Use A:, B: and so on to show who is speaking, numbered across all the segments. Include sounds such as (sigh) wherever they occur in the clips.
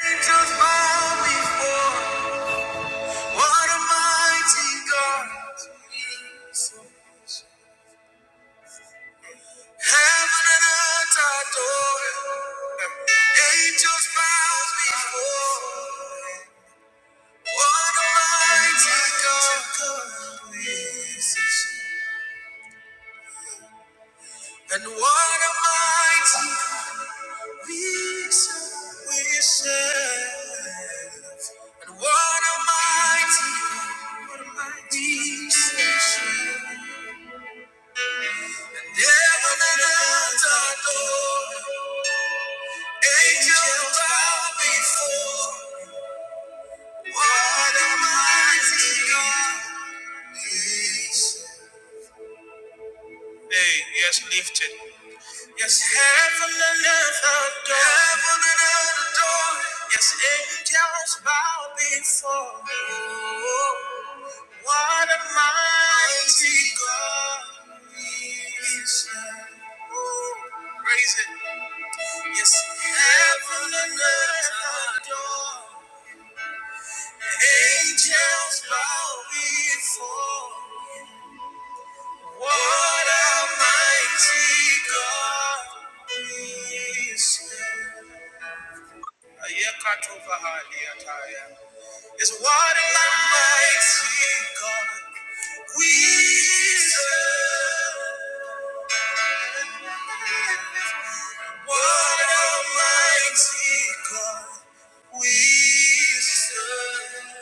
A: Angels bow before. What a mighty God. Heaven and earth adore. Angels bow before. What a mighty God. And what a mighty we serve. We serve. And what a mighty, what a mighty we serve. Hey, yes, lifted. Yes, heaven and earth adore. Heaven and earth adore. Yes, angels bow before. Oh, What a mighty God is. Ooh, Praise it. Yes, heaven and earth adore. Angels bow before. What a mighty God we serve. Ayekatova haliataya. Yes, what a mighty God we serve. What a mighty God we serve.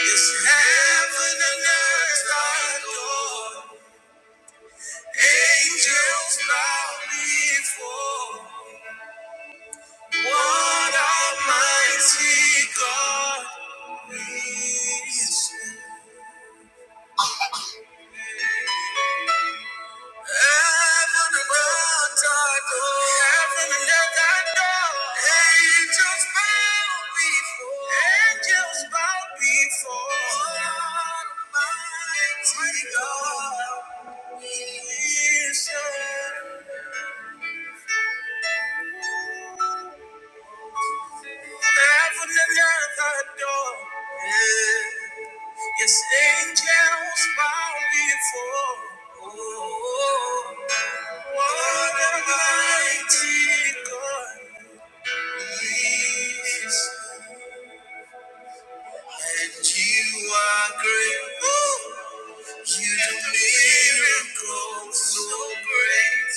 A: It's heaven and earth thy door. Angels bow before. What a mighty God is. Heaven and earth thy door. Heaven and earth thy door. Angels bow before. Angels bow before. What a mighty God is. Heaven and earth adore. Yeah. Yes, angels bow before. Oh, what a mighty God is. And you are great. Ooh. You do miracles so great.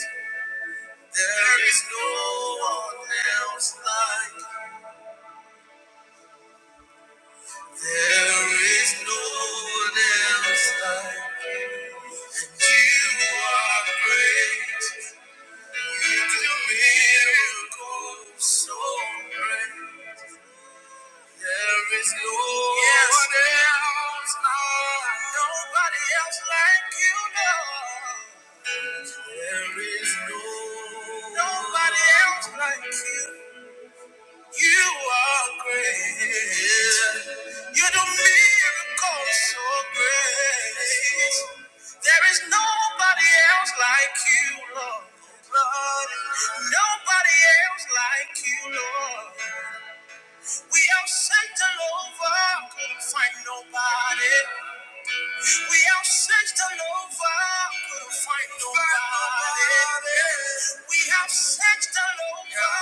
A: There is no one else like. There is no one else like. There is no, no You are great. You do miracles so great. There is nobody else like you, Lord. Lord. Nobody else like you, Lord. We have sent all over, couldn't find nobody. We have searched all over, couldn't find nobody. We have searched all over,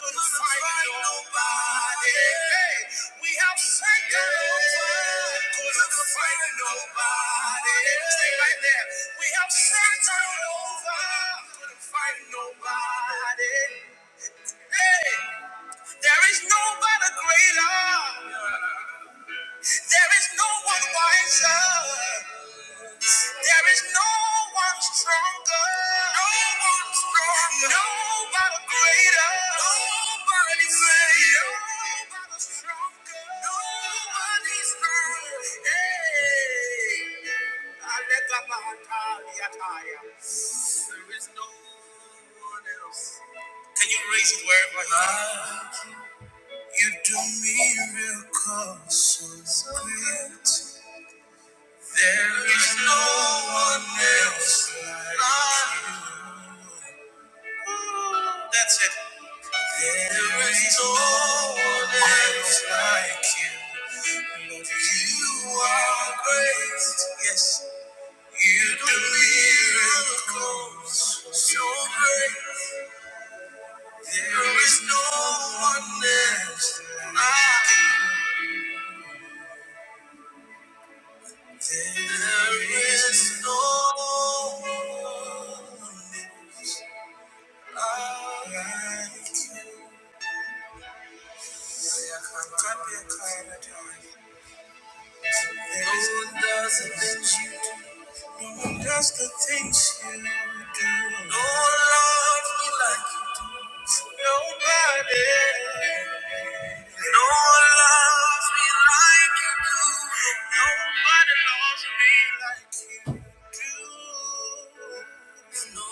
A: couldn't find nobody. Hey, We have searched all over, couldn't find nobody. Stay right there. We have searched all over, couldn't find nobody. Hey, there is nobody greater. There is no one wiser. There is no one stronger, no one stronger, nobody greater, nobody greater, nobody stronger. Hey, Alekabahantaliataya. there is no one else. Can you raise it wherever you are? You do miracles so great. There is no one else like you. That's it. There is no one else like you. Lord, you are great. Yes, you do miracles so great. There is no one else like you. There is no one else like you. No one does the things you do. No one does the things you do. No one loves me like you. Nobody. No one loves me like you do. Nobody loves me like you do. No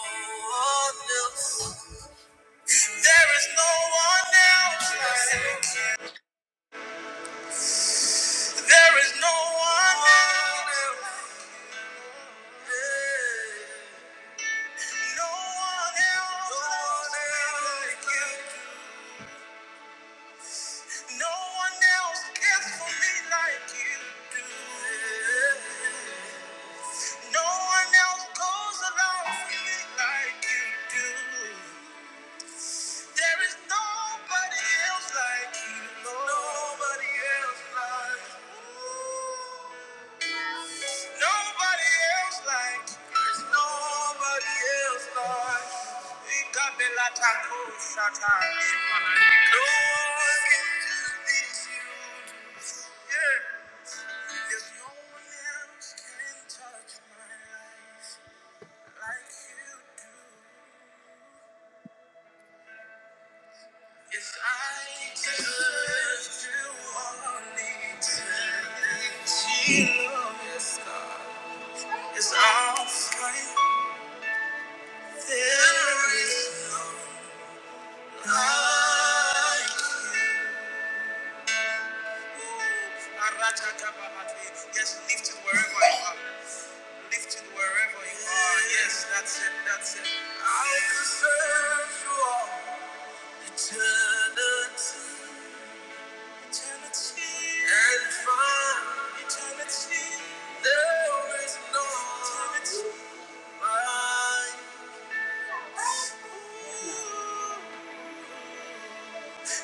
A: one else. There is no one else like you. There is no one else. Yeah. No one else like No cares for me like you do. No one else goes along for me like you do. There is nobody else like you, Lord. Nobody else like Nobody else like you. There's nobody else like No one can do this you do. Yeah. There's no one else can touch my life like you do. If I just do only eternity, yes, God, is our strength. There is no life. Yes, lift it wherever you are. Lifted wherever you are. Yes, that's it. That's it. I could search for eternity, eternity, and find eternity. There is no eternity like you.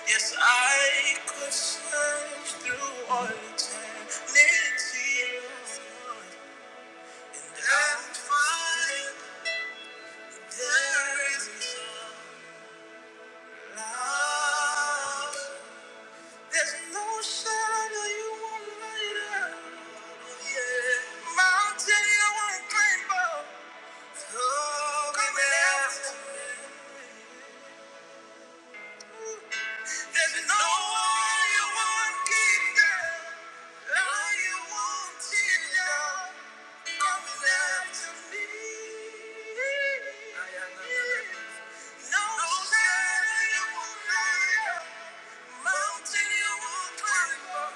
A: Yes, I could search through all eternity and find there is. no. Now, there's no shadow you won't light up. Yeah. Mountain you won't climb up. Oh, Coming after me. There's no wall you won't keep down. Lie you won't tear down. Coming after me. Yeah. No shadow you won't light up. Mountain you won't climb up.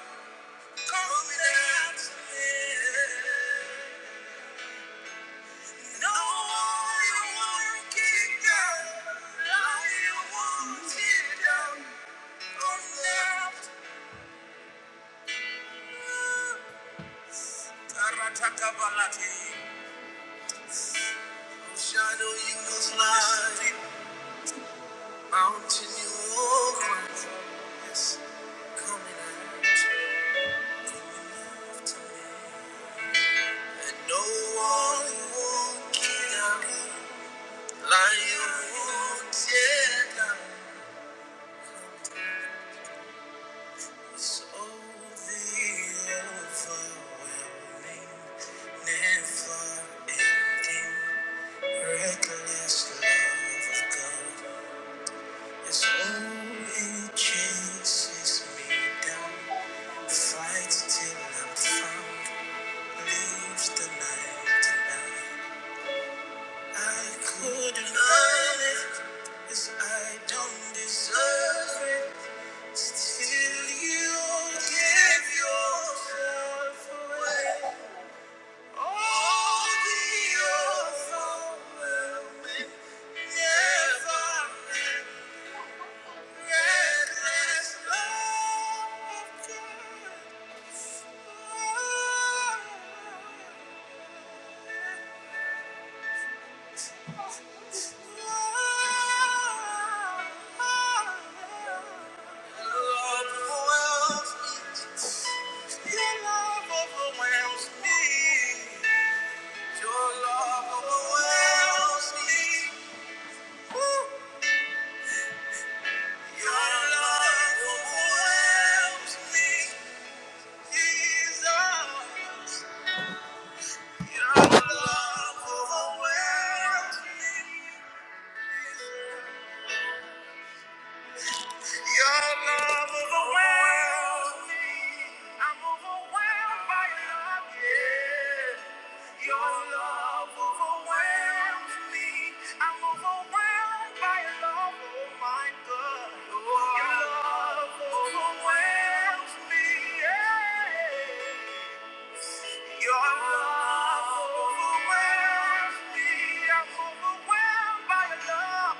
A: Shadow you was light, mountain you walk, yes, coming out from left to me. And no one won't kill them. Lion won't tear them. So the overwhelming, never-ending, reckless love of God is all it chases me down, fights till I'm found, leaves the night and I, I couldn't love it 'cause I don't deserve it. Till you give yourself away, all the overwhelming, never-ending, reckless love Your love overwhelms me. Your love overwhelms me. Your love overwhelms me. Jesus, your love overwhelms me. Your love overwhelms me. I'm overwhelmed by your love. Yeah. Your love overwhelms me. I'm overwhelmed by your love. Oh my God. Your love overwhelms me. Yeah. Your love overwhelms me. I'm overwhelmed by your love.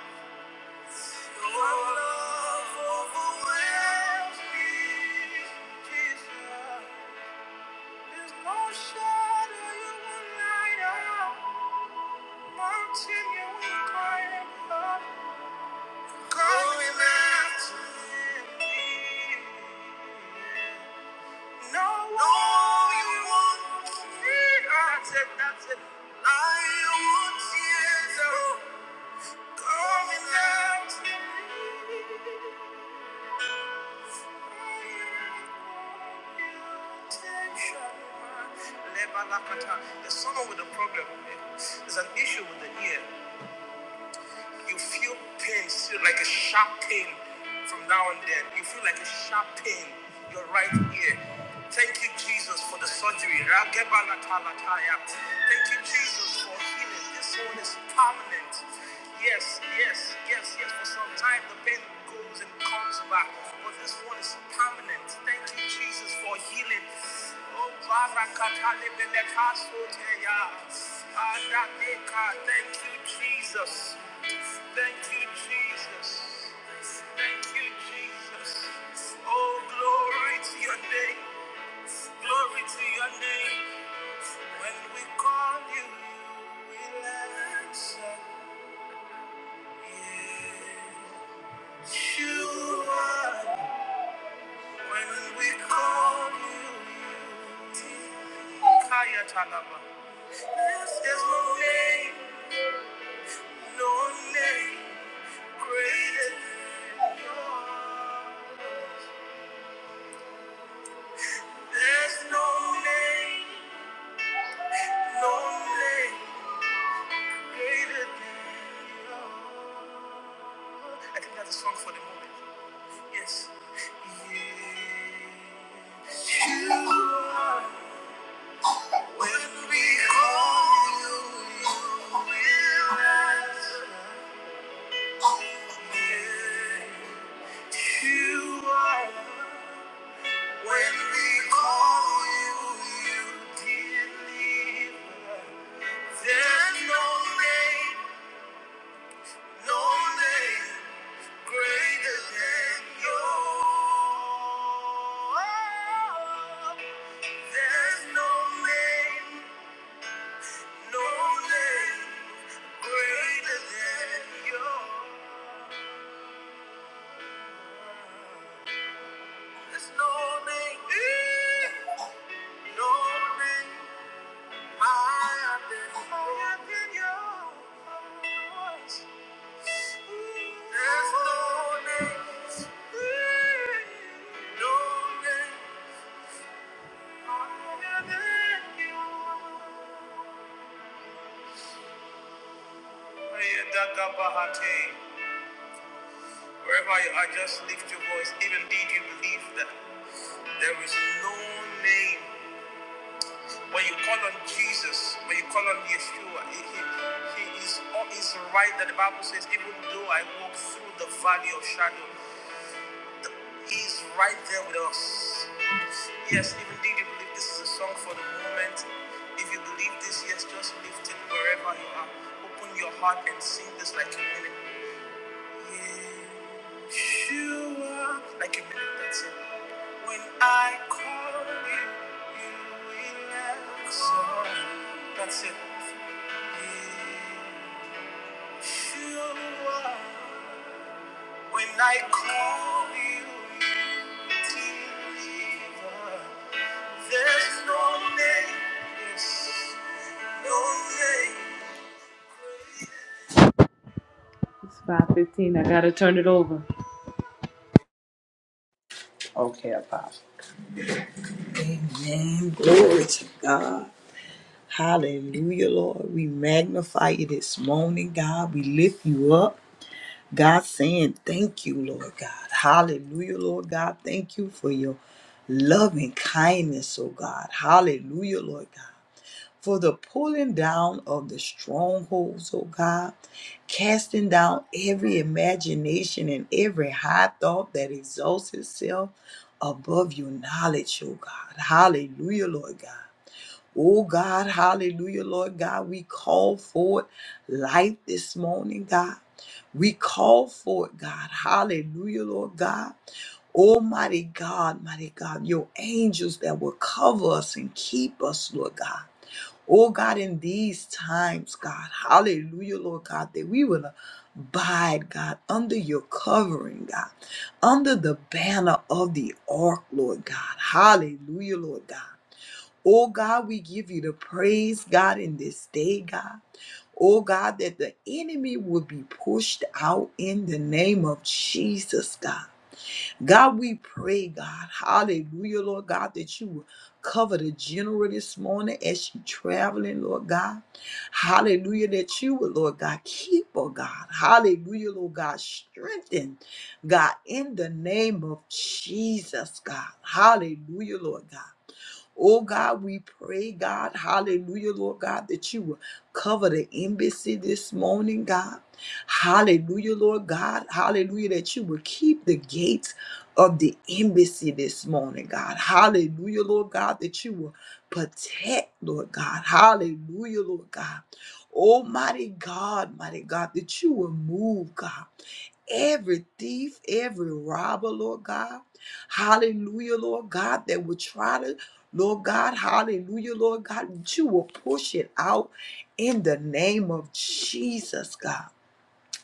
A: There's no name, no name. There's no name, no name. You are. When we call you, you will answer. You are. When we call you, you did There's no name, no name greater than yours. There's no name, no name greater than yours. There's no name, no name. It's 5.15. I got to turn it over.
B: Okay, Apostle. Amen. Glory to God. Hallelujah, Lord. We magnify you this morning, God. We lift you up. God saying, Thank you, Lord God. Hallelujah, Lord God. Thank you for your loving kindness, oh God. Hallelujah, Lord God for the pulling down of the strongholds, oh God, casting down every imagination and every high thought that exalts itself above your knowledge, oh God. Hallelujah, Lord God. Oh God, hallelujah, Lord God. We call forth life this morning, God. We call forth, God. Hallelujah, Lord God. Almighty God, mighty God, your angels that will cover us and keep us, Lord God. Oh God, in these times, God, hallelujah, Lord God, that we will abide, God, under your covering, God, under the banner of the ark, Lord God. Hallelujah, Lord God. Oh God, we give you the praise, God, in this day, God. Oh God, that the enemy will be pushed out in the name of Jesus, God. God, we pray, God, hallelujah, Lord God, that you will cover the general this morning as she traveling, Lord God. Hallelujah, that you will, Lord God, keep her, God. Hallelujah, Lord God, strengthen, God, in the name of Jesus, God. Hallelujah, Lord God. Oh God, we pray, God, hallelujah, Lord God, that you will cover the embassy this morning, God. Hallelujah, Lord God, hallelujah, that you will keep the gates of the embassy this morning, God. Hallelujah, Lord God, that you will protect, Lord God. Hallelujah, Lord God. Almighty God, mighty God, that you will move, God every thief, every robber, Lord God. Hallelujah, Lord God, that would try to, Lord God, hallelujah, Lord God, that you will push it out in the name of Jesus, God.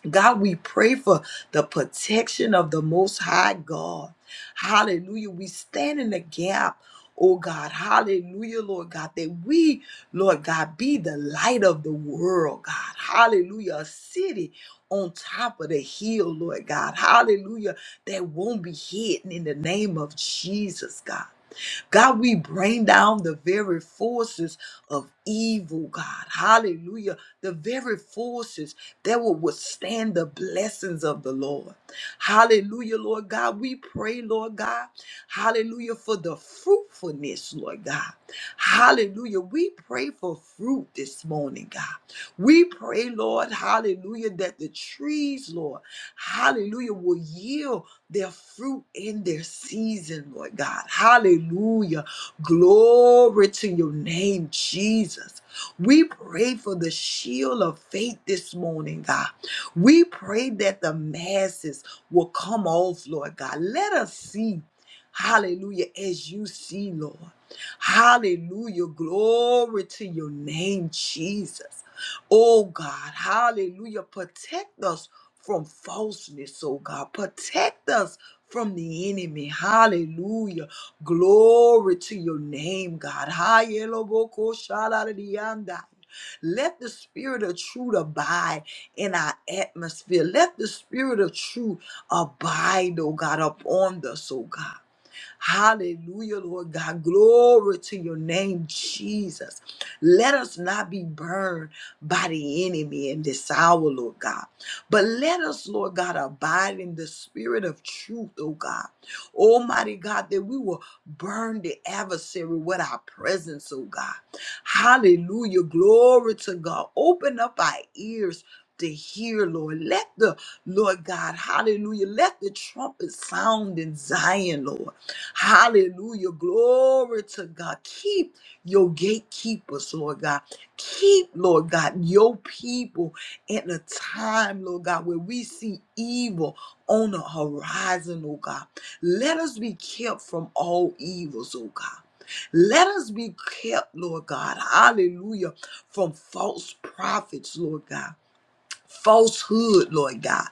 B: God, we pray for the protection of the Most High God. Hallelujah. We stand in the gap, oh God. Hallelujah, Lord God, that we, Lord God, be the light of the world, God. Hallelujah. A city on top of the hill, Lord God. Hallelujah. That won't be hidden in the name of Jesus, God. God, we bring down the very forces of evil, God. Hallelujah. The very forces that will withstand the blessings of the Lord. Hallelujah, Lord God. We pray, Lord God. Hallelujah, for the fruitfulness, Lord God. Hallelujah. We pray for fruit this morning, God. We pray, Lord, hallelujah, that the trees, Lord, hallelujah, will yield their fruit in their season, Lord God. Hallelujah. Glory to your name, Jesus. We pray for the shield of faith this morning, God. We pray that the masses will come off, Lord God. Let us see. Hallelujah, as you see, Lord. Hallelujah. Glory to your name, Jesus. Oh God, hallelujah. Protect us from falseness, oh God. Protect us from the enemy. Hallelujah. Glory to your name, God. Hayelobokoshalariyandai. Let the spirit of truth abide in our atmosphere. Let the spirit of truth abide, oh God, upon us, oh God. Hallelujah, Lord God. Glory to your name, Jesus. Let us not be burned by the enemy in this hour, Lord God. But let us, Lord God, abide in the spirit of truth, oh God. Almighty God, that we will burn the adversary with our presence, oh God. Hallelujah. Glory to God. Open up our ears to hear, Lord. Let the Lord God, hallelujah. Let the trumpet sound in Zion, Lord. Hallelujah. Glory to God. Keep your gatekeepers, Lord God. Keep, Lord God, your people at a time, Lord God, where we see evil on the horizon, oh God. Let us be kept from all evils, oh God. Let us be kept, Lord God, hallelujah, from false prophets, Lord God falsehood, Lord God.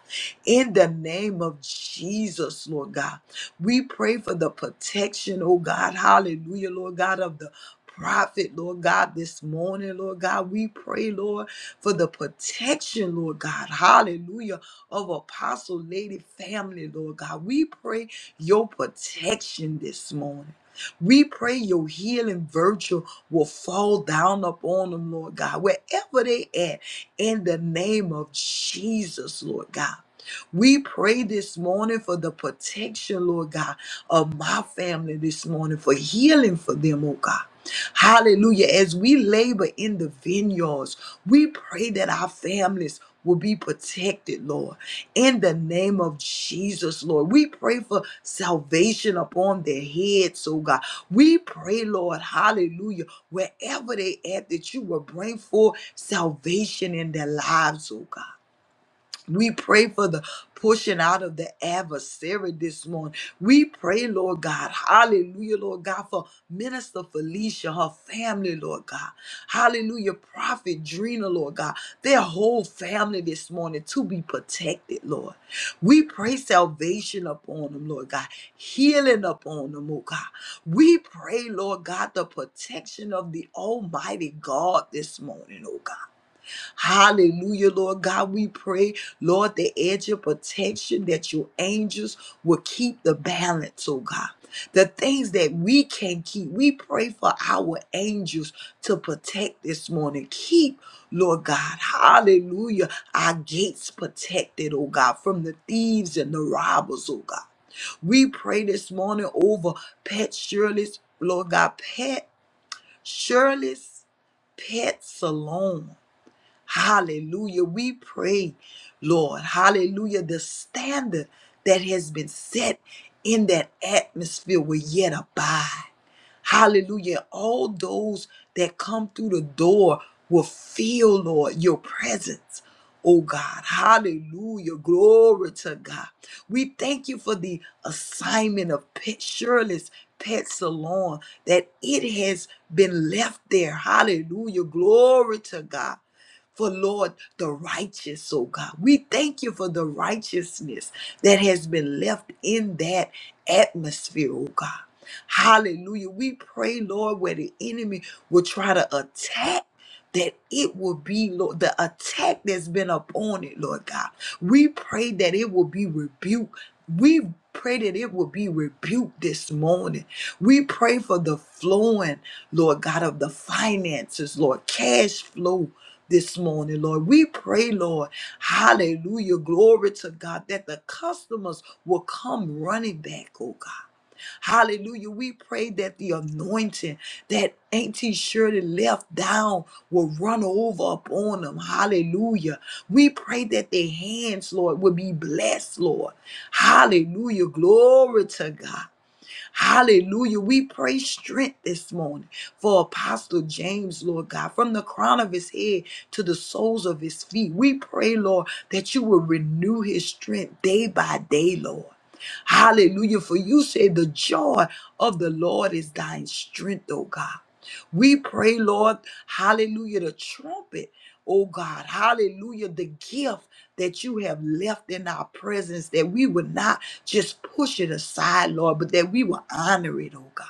B: In the name of Jesus, Lord God, we pray for the protection, oh God. Hallelujah, Lord God, of the prophet, Lord God, this morning, Lord God. We pray, Lord, for the protection, Lord God. Hallelujah, of Apostle Lady family, Lord God. We pray your protection this morning. We pray your healing virtue will fall down upon them, Lord God, wherever they at in the name of Jesus, Lord God. We pray this morning for the protection, Lord God, of my family this morning, for healing for them, oh God. Hallelujah. As we labor in the vineyards, we pray that our families will be protected, Lord. In the name of Jesus, Lord, we pray for salvation upon their heads, oh God. We pray, Lord, hallelujah wherever they at, that you will bring forth salvation in their lives, oh God. We pray for the pushing out of the adversary this morning. We pray, Lord God, hallelujah, Lord God, for Minister Felicia, her family, Lord God, hallelujah, Prophet Drina, Lord God, their whole family this morning to be protected, Lord. We pray salvation upon them, Lord God, healing upon them, oh God. We pray, Lord God, the protection of the Almighty God this morning, oh God. Hallelujah, Lord God. We pray, Lord, the edge of protection that your angels will keep the balance, oh God. The things that we can keep, we pray for our angels to protect this morning. Keep, Lord God, hallelujah, our gates protected, oh God, from the thieves and the robbers, oh God. We pray this morning over Pet Shirley's, Lord God, Pet Shirley's pet salon. Hallelujah. We pray, Lord, hallelujah, the standard that has been set in that atmosphere will yet abide. Hallelujah. All those that come through the door will feel, Lord, your presence. Oh God, hallelujah, glory to God. We thank you for the assignment of Pet Shirley's Pet Salon, that it has been left there. Hallelujah, glory to God for Lord, the righteous, oh God. We thank you for the righteousness that has been left in that atmosphere, oh God. Hallelujah. We pray, Lord, where the enemy will try to attack. That it will be, Lord, the attack that's been upon it, Lord God. We pray that it will be rebuked. We pray that it will be rebuked this morning. We pray for the flowing, Lord God, of the finances, Lord, cash flow this morning, Lord. We pray, Lord, hallelujah, glory to God, that the customers will come running back, oh God. Hallelujah. We pray that the anointing that Auntie Shirley left down will run over upon them. Hallelujah. We pray that their hands, Lord, will be blessed, Lord. Hallelujah. Glory to God. Hallelujah. We pray strength this morning for Apostle James, Lord God, from the crown of his head to the soles of his feet. We pray, Lord, that you will renew his strength day by day, Lord. Hallelujah. For you say the joy of the Lord is thine strength, oh God. We pray, Lord, hallelujah, the trumpet, oh God, hallelujah, the gift that you have left in our presence that we would not just push it aside, Lord, but that we will honor it, oh God.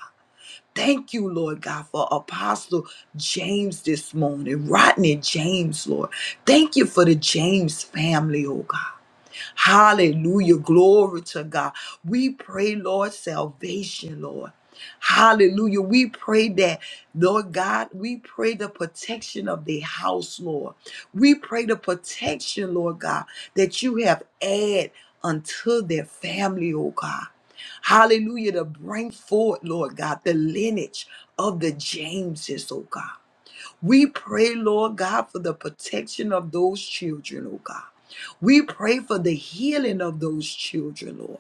B: Thank you, Lord God, for Apostle James this morning, Rodney James, Lord. Thank you for the James family, oh God. Hallelujah. Glory to God. We pray, Lord, salvation, Lord. Hallelujah. We pray that, Lord God, we pray the protection of the house, Lord. We pray the protection, Lord God, that you have add unto their family, oh God. Hallelujah. To bring forth, Lord God, the lineage of the Jameses, oh God. We pray, Lord God, for the protection of those children, oh God. We pray for the healing of those children, Lord.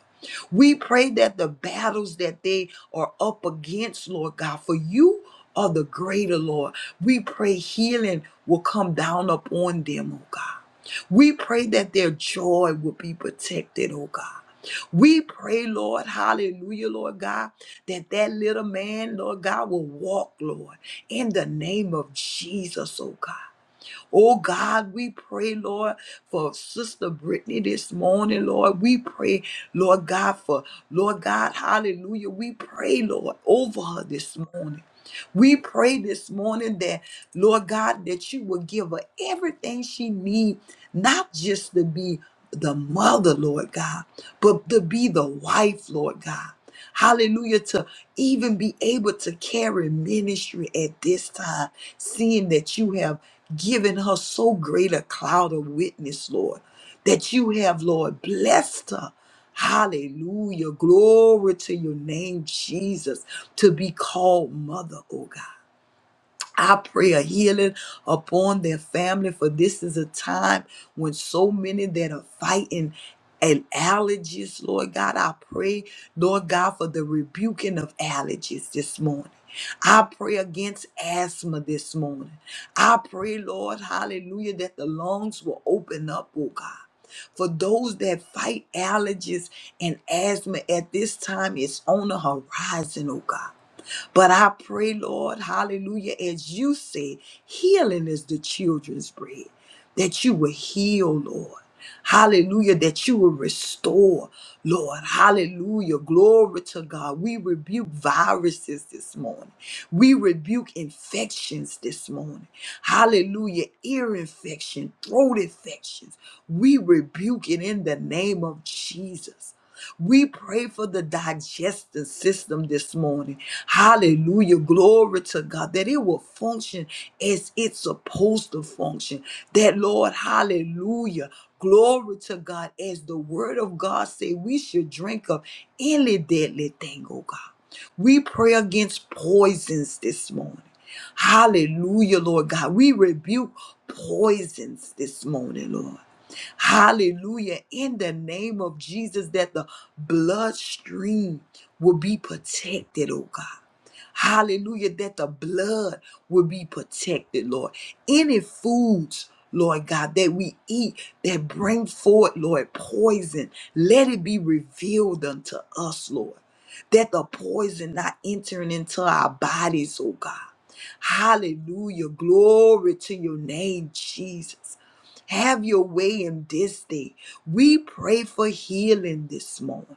B: We pray that the battles that they are up against, Lord God, for you are the greater, Lord. We pray healing will come down upon them, oh God. We pray that their joy will be protected, oh God. We pray, Lord, hallelujah, Lord God, that that little man, Lord God, will walk, Lord in the name of Jesus, oh God. Oh God, we pray, Lord, for Sister Brittany this morning, Lord. We pray, Lord God, for Lord God, hallelujah. We pray, Lord, over her this morning. We pray this morning that, Lord God, that you will give her everything she needs, not just to be the mother, Lord God, but to be the wife, Lord God. Hallelujah, to even be able to carry ministry at this time, seeing that you have given her so great a cloud of witness, Lord, that you have, Lord, blessed her. Hallelujah. Glory to your name, Jesus, to be called mother, oh God. I pray a healing upon their family, for this is a time when so many that are fighting and allergies, Lord God, I pray, Lord God, for the rebuking of allergies this morning. I pray against asthma this morning. I pray, Lord, hallelujah, that the lungs will open up, oh God. For those that fight allergies and asthma at this time, it's on the horizon, oh God. But I pray, Lord, hallelujah, as you say, healing is the children's bread, that you will heal, Lord. Hallelujah, that you will restore, Lord. Hallelujah. Glory to God. We rebuke viruses this morning. We rebuke infections this morning. Hallelujah. Ear infection, throat infections. We rebuke it in the name of Jesus. We pray for the digestive system this morning. Hallelujah. Glory to God that it will function as it's supposed to function. That, Lord, hallelujah. Glory to God as the word of God say we should drink of any deadly thing, oh God. We pray against poisons this morning. Hallelujah, Lord God. We rebuke poisons this morning, Lord. Hallelujah. In the name of Jesus, that the bloodstream will be protected, oh God. Hallelujah, that the blood will be protected, Lord. Any foods, Lord God, that we eat that bring forth, Lord, poison, let it be revealed unto us, Lord. That the poison not entering into our bodies, oh God. Hallelujah. Glory to your name, Jesus. Have your way in this day. We pray for healing this morning.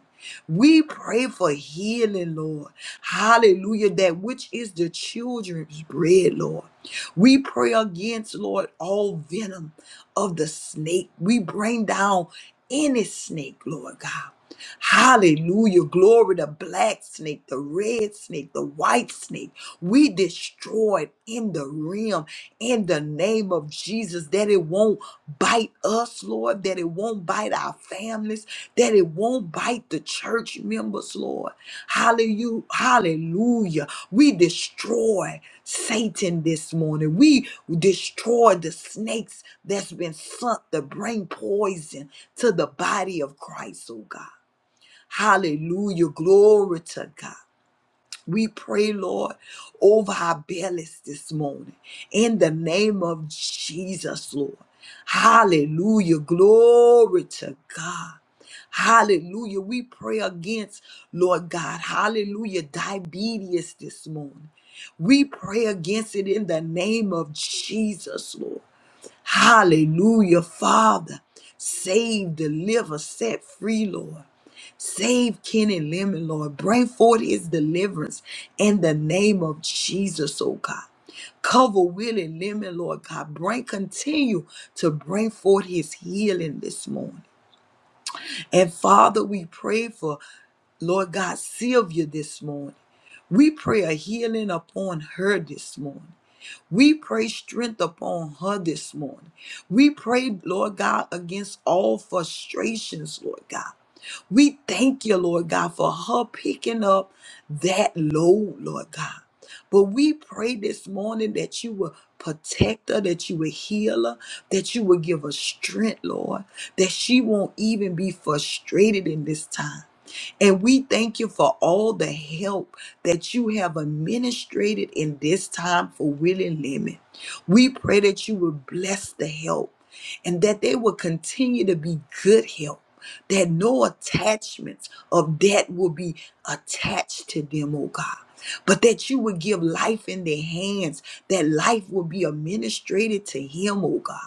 B: We pray for healing, Lord. Hallelujah. That which is the children's bread, Lord. We pray against, Lord, all venom of the snake. We bring down any snake, Lord God. Hallelujah. Glory the black snake, the red snake, the white snake. We destroy it in the realm in the name of Jesus that it won't bite us, Lord, that it won't bite our families, that it won't bite the church members, Lord. Hallelujah. Hallelujah. We destroy Satan this morning. We destroy the snakes that's been sent to bring poison to the body of Christ, oh God. Hallelujah. Glory to God. We pray, Lord, over our bellies this morning in the name of Jesus, Lord. Hallelujah. Glory to God. Hallelujah. We pray against, Lord God, hallelujah, diabetes this morning. We pray against it in the name of Jesus, Lord. Hallelujah, Father. Save, deliver, set free, Lord. Save Ken and Lemon, Lord. Bring forth his deliverance in the name of Jesus, oh God. Cover Willie Lemon, Lord God. Bring, continue to bring forth his healing this morning. And Father, we pray for Lord God Sylvia this morning. We pray a healing upon her this morning. We pray strength upon her this morning. We pray, Lord God, against all frustrations, Lord God. We thank you, Lord God, for her picking up that load, Lord God. But we pray this morning that you will protect her, that you will heal her, that you will give her strength, Lord, that she won't even be frustrated in this time. And we thank you for all the help that you have administrated in this time for Willie Lemon. We pray that you will bless the help and that they will continue to be good help that no attachments of debt will be attached to them, oh God. But that you would give life in their hands, that life will be administrated to him, oh God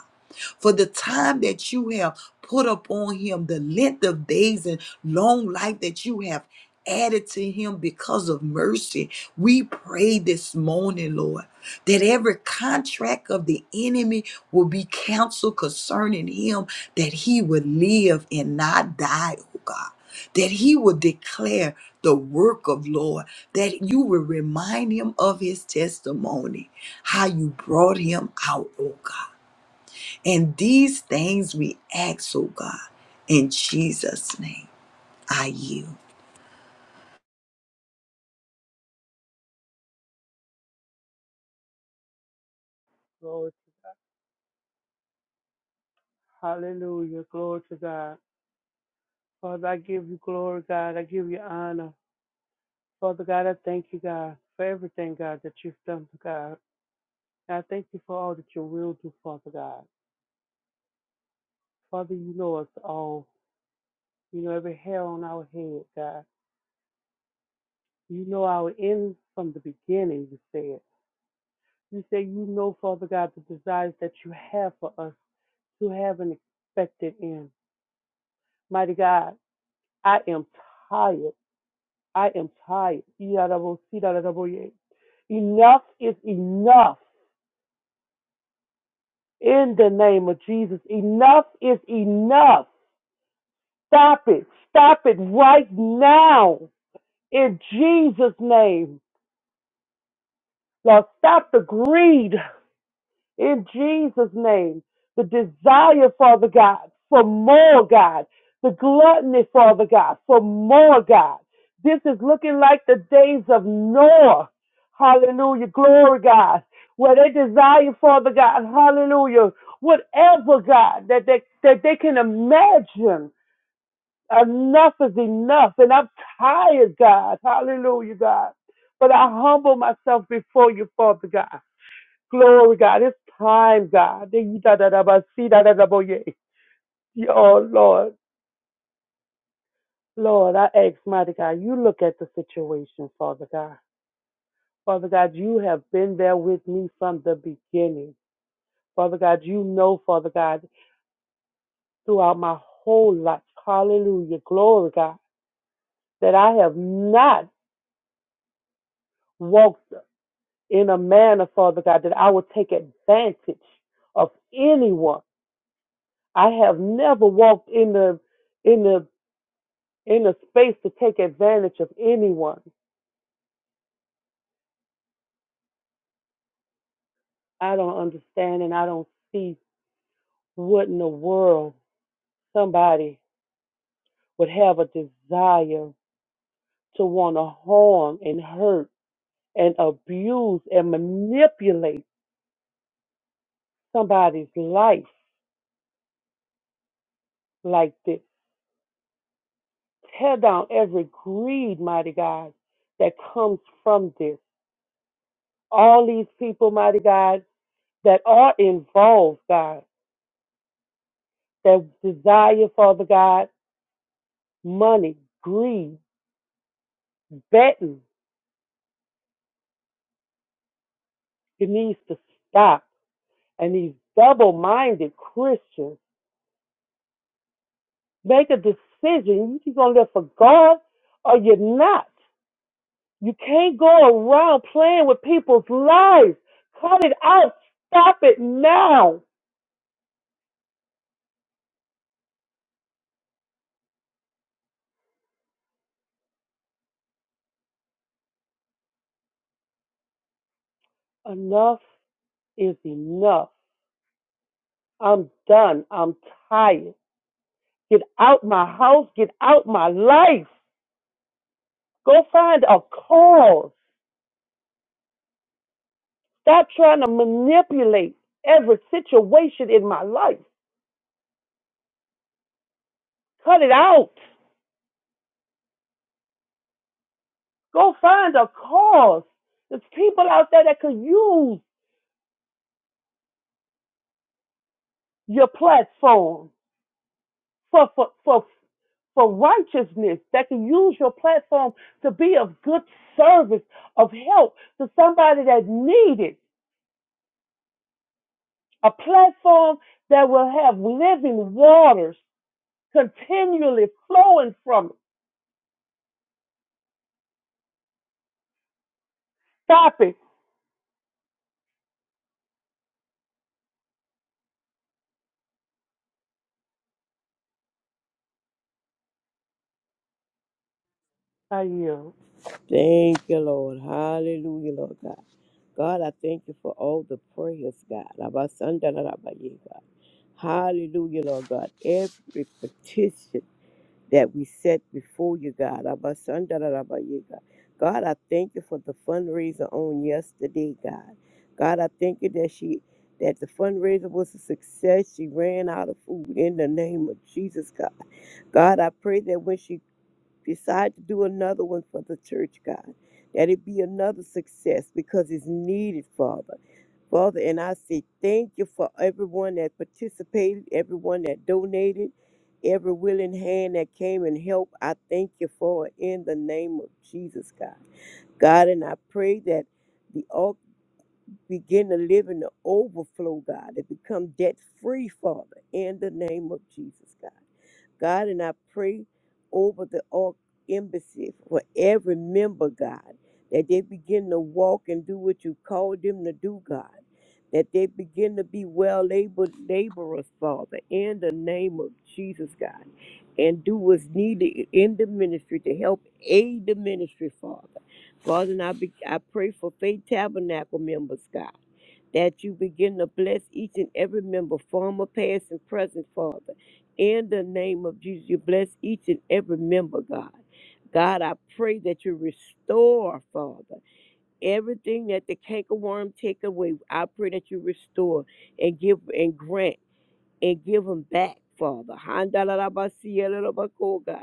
B: for the time that you have put upon him, the length of days and long life that you have added to him because of mercy. We pray this morning, Lord, that every contract of the enemy will be canceled concerning him, that he would live and not die, oh God. That he will declare the work of Lord, that you will remind him of his testimony, how you brought him out, oh God. And these things we ask, oh God, in Jesus' name, I yield.
C: Lord. Hallelujah. Glory to God. Father, I give you glory, God. I give you honor. Father God, I thank you, God, for everything, God, that you've done for God. And I thank you for all that you will do, Father God. Father, you know us all. You know every hair on our head, God. You know our end from the beginning, you said. You say you know, Father God, the desires that you have for us to have an expected end. Mighty God, I am tired. I am tired. Enough is enough. In the name of Jesus, enough is enough. Stop it. Stop it right now. In Jesus' name. Lord, stop the greed. in Jesus' name. The desire, Father God, for more, God. The gluttony, Father God, for more, God. This is looking like the days of Noah. Hallelujah. Glory, God. Where they desire, Father God, hallelujah. Whatever, God, that they, that they can imagine. Enough is enough. And I'm tired, God. Hallelujah, God. But I humble myself before you, Father God. Glory, God. It's time, God. Oh, Lord. Lord, I ask, mighty God, you look at the situation, Father God. Father God, you have been there with me from the beginning. Father God, you know, Father God, throughout my whole life, hallelujah, glory, God, that I have not walked in a manner, Father God, that I would take advantage of anyone. I have never walked in the in the in a space to take advantage of anyone. I don't understand and I don't see what in the world somebody would have a desire to want to harm and hurt and abuse and manipulate somebody's life like this. Tear down every greed, mighty God, that comes from this. All these people, mighty God, that are involved, God, that desire, Father God, money, greed, Betting it needs to stop. And these double minded Christians make a decision. You're going to live for God or you're not. You can't go around playing with people's lives. Cut it out. Stop it now. Enough is enough. I'm done. I'm tired. Get out my house. Get out my life. Go find a cause. Stop trying to manipulate every situation in my life. Cut it out. Go find a cause. There's people out there that could use your platform for for for for righteousness. That can use your platform to be of good service, of help to somebody that needed a platform that will have living waters continually flowing from it. Stop it. I yield.
D: Thank you, Lord. Hallelujah, Lord God. God, I thank you for all the prayers, God. Abasandarabaye, God. Hallelujah, Lord God. Every petition that we set before you, God. Abasandarabaye, God, God, I thank you for the fundraiser on yesterday, God. God, I thank you that she that the fundraiser was a success. She ran out of food in the name of Jesus, God. God, I pray that when she Decide to do another one for the church, God. That it be another success because it's needed, Father. Father, and I say thank you for everyone that participated, everyone that donated, every willing hand that came and helped. I thank you for it in the name of Jesus, God. God, and I pray that the all begin to live in the overflow, God, and become debt free, Father, in the name of Jesus, God. God, and I pray over the all embassy for every member, God, that they begin to walk and do what you called them to do, God. That they begin to be well able laborers, Father, in the name of Jesus, God, and do what's needed in the ministry to help aid the ministry, Father. Father, and I, be, I pray for Faith Tabernacle members, God that you begin to bless each and every member, former, past, and present, Father. In the name of Jesus, you bless each and every member, God. God, I pray that you restore, Father, everything that the cankerworm take away. I pray that you restore and give and grant and give them back, Father. Handalalabasiyalalabakoga.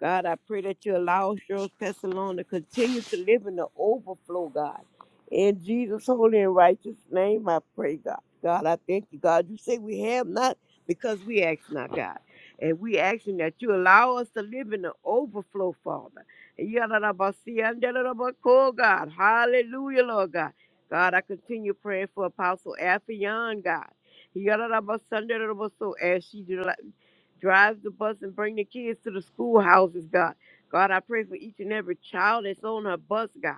D: God, I pray that you allow Cheryl Pessalone to continue to live in the overflow, God. In Jesus' holy and righteous name, I pray, God. God, I thank you, God. You say we have not because we ask not, God. And we asking that you allow us to live in the overflow, Father. Yalalabasiyandalalabakoga, God. Hallelujah, Lord God. God, I continue praying for Apostle Afion, God. Yadadabasandaroso, As she deli- drives the bus and bring the kids to the schoolhouses, God. God, I pray for each and every child that's on her bus, God.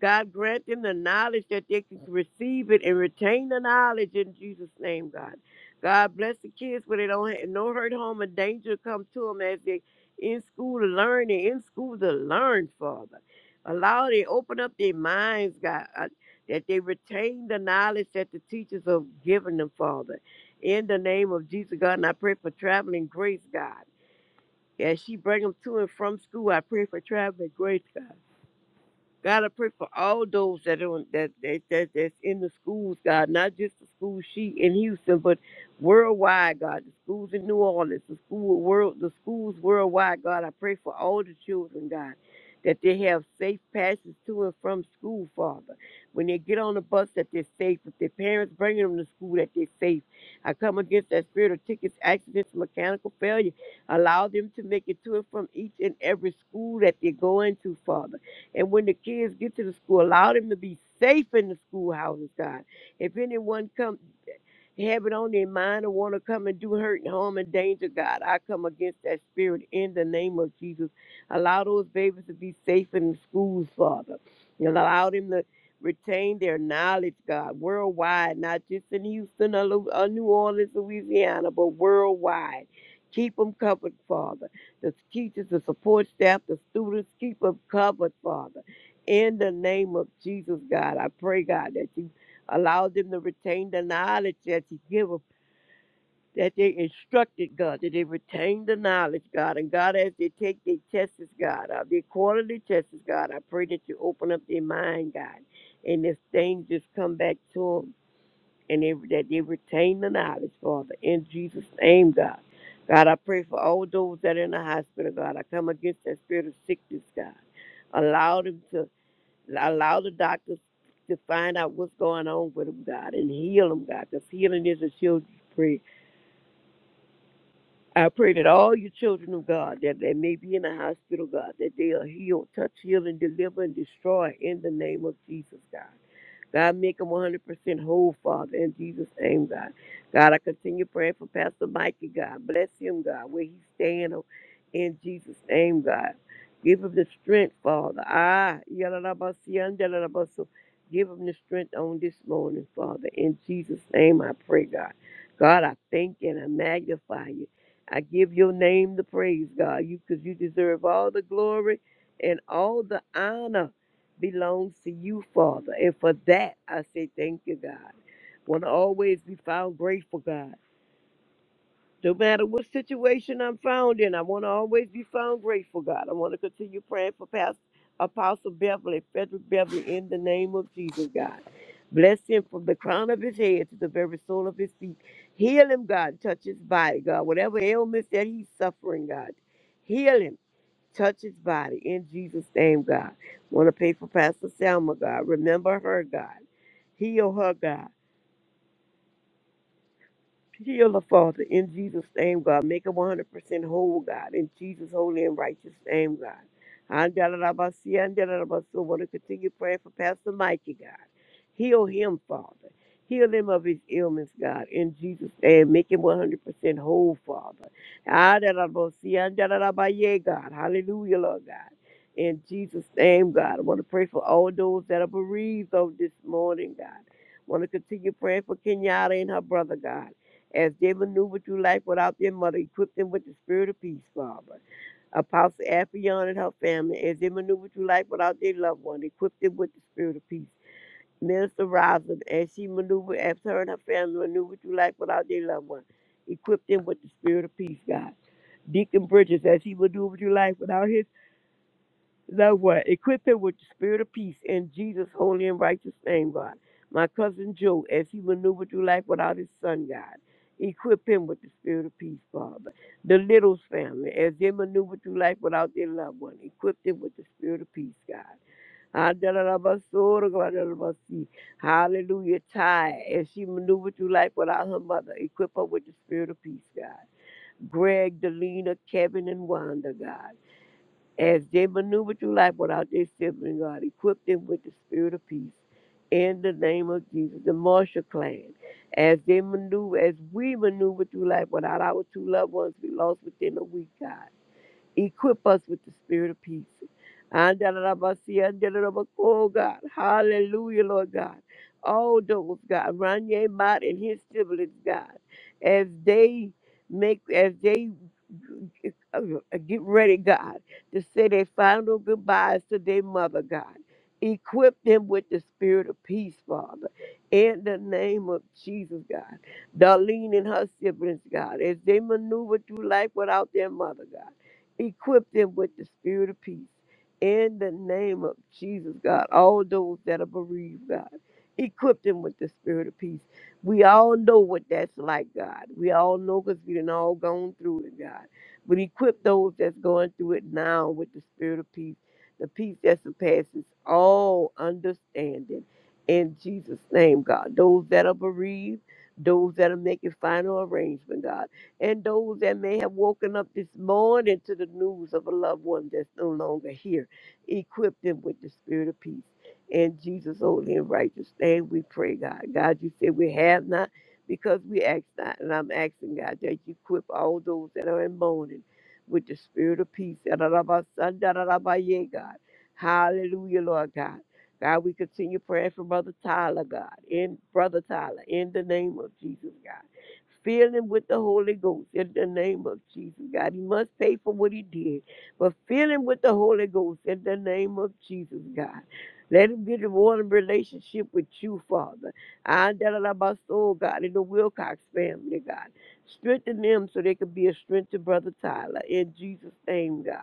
D: God grant them the knowledge that they can receive it and retain the knowledge in Jesus' name, God. God bless the kids where they don't have no hurt, harm, or danger come to them as they in school to learn and in school to learn, Father. Allow they open up their minds, God, uh, that they retain the knowledge that the teachers have given them, Father. In the name of Jesus, God, and I pray for traveling grace, God. As she bring them to and from school, I pray for traveling grace, God. God, I pray for all those that are on, that, that that that's in the schools, God, not just the school she in Houston, but worldwide, God, the schools in New Orleans, the school world, the schools worldwide, God. I pray for all the children, God, that they have safe passes to and from school, Father. When they get on the bus, that they're safe. If their parents bringing them to school, that they're safe. I come against that spirit of tickets, accidents, mechanical failure. Allow them to make it to and from each and every school that they go into, Father. And when the kids get to the school, allow them to be safe in the schoolhouses, God. If anyone comes, have it on their mind and want to come and do hurt and harm and danger, God. I come against that spirit in the name of Jesus. Allow those babies to be safe in the schools, Father. And allow them to retain their knowledge, God, worldwide, not just in Houston or Lu- or New Orleans, Louisiana, but worldwide. Keep them covered, Father. The teachers, the support staff, the students, keep them covered, Father. In the name of Jesus, God, I pray, God, that you Allow them to retain the knowledge that you give them, that they instructed, God, that they retain the knowledge, God. And God, as they take their tests, God, uh, their quarterly tests, God, I pray that you open up their mind, God. And if things just come back to them and they, that they retain the knowledge, Father, in Jesus' name, God. God, I pray for all those that are in the hospital, God. I come against that spirit of sickness, God. Allow them to allow the doctors to find out what's going on with them, God, and heal them, God, because healing is a children's prayer. I pray that all your children of God that they may be in the hospital, God, that they are healed, touch, heal, and deliver and destroy in the name of Jesus, God. God, make him 100% whole, Father, in Jesus' name, God. God, I continue praying for Pastor Mikey, God. Bless him, God, where he's staying, oh, in Jesus' name, God. Give him the strength, Father. Ah, yalalabasu. Give him the strength on this morning, Father. In Jesus' name, I pray, God. God, I thank you and I magnify you. I give your name the praise, God, you because you deserve all the glory and all the honor belongs to you, Father. And for that, I say thank you, God. Want to always be found grateful, God. No matter what situation I'm found in, I want to always be found grateful, God. I want to continue praying for Pastor Apostle Beverly, Frederick Beverly, in the name of Jesus, God. Bless him from the crown of his head to the very sole of his feet. Heal him, God. Touch his body, God. Whatever ailments that he's suffering, God. Heal him. Touch his body in Jesus' name, God. Want to pay for Pastor Selma, God. Remember her, God. Heal her, God. Heal her, Father, in Jesus' name, God. Make her 100% whole, God, in Jesus' holy and righteous name, God. Andalabasi, andalabaso. want to continue praying for Pastor Mikey, God. Heal him, Father. Heal him of his ailments, God, in Jesus' name. Make him 100% whole, Father. Andalabasi, andalabaye, God. Hallelujah, Lord God. In Jesus' name, God. I want to pray for all those that are bereaved on this morning, God. Want to continue praying for Kenyatta and her brother, God. As they maneuver through life without their mother, equip them with the spirit of peace, Father. Apostle Afion and her family, as they maneuver through life without their loved one, equip them with the spirit of peace. Minister Rosin, as she maneuvered, as her and her family maneuver through life without their loved one, equip them with the spirit of peace, God. Deacon Bridges, as he maneuvered through life without his Thou what? Equip him with the spirit of peace in Jesus' holy and righteous name, God. My cousin Joe, as he maneuvered through life without his son, God. Equip him with the spirit of peace, Father. The Littles family, as they maneuvered through life without their loved one, equip them with the spirit of peace, God. Adalabasorogwadalabasi. Hallelujah. Ty, as she maneuvered through life without her mother, equip her with the spirit of peace, God. Greg, Delina, Kevin, and Wanda, God as they maneuver through life without their sibling, God, equip them with the spirit of peace. In the name of Jesus, the Marshall clan, as they maneuver, as we maneuver through life without our two loved ones, we lost within a week, God. Equip us with the spirit of peace. Andalabasi, andalabako, Oh God, hallelujah, Lord God. All those, God, Ranye Mott and his siblings, God, as they make, as they uh, get ready, God, to say their final goodbyes to their mother, God. Equip them with the spirit of peace, Father, in the name of Jesus, God. Darlene and her siblings, God, as they maneuver through life without their mother, God. Equip them with the spirit of peace. In the name of Jesus, God, all those that are bereaved, God, equip them with the spirit of peace. We all know what that's like, God. We all know because we done all gone through it, God. But equip those that's going through it now with the spirit of peace, the peace that surpasses all understanding. In Jesus' name, God. Those that are bereaved, those that are making final arrangement, God and those that may have woken up this morning to the news of a loved one that's no longer here. Equip them with the spirit of peace. In Jesus' holy and righteous name, we pray, God. God, you said we have not because we ask not. And I'm asking, God, that you equip all those that are in mourning with the spirit of peace. Yadadabasandaradabaye, God. Hallelujah, Lord God. God, we continue praying for Brother Tyler, God, in Brother Tyler, in the name of Jesus, God. Fill him with the Holy Ghost in the name of Jesus, God. He must pay for what he did, but fill him with the Holy Ghost in the name of Jesus, God. Let him get a warm relationship with you, Father. I my soul, God, in the Wilcox family, God. Strengthen them so they can be a strength to Brother Tyler. In Jesus' name, God.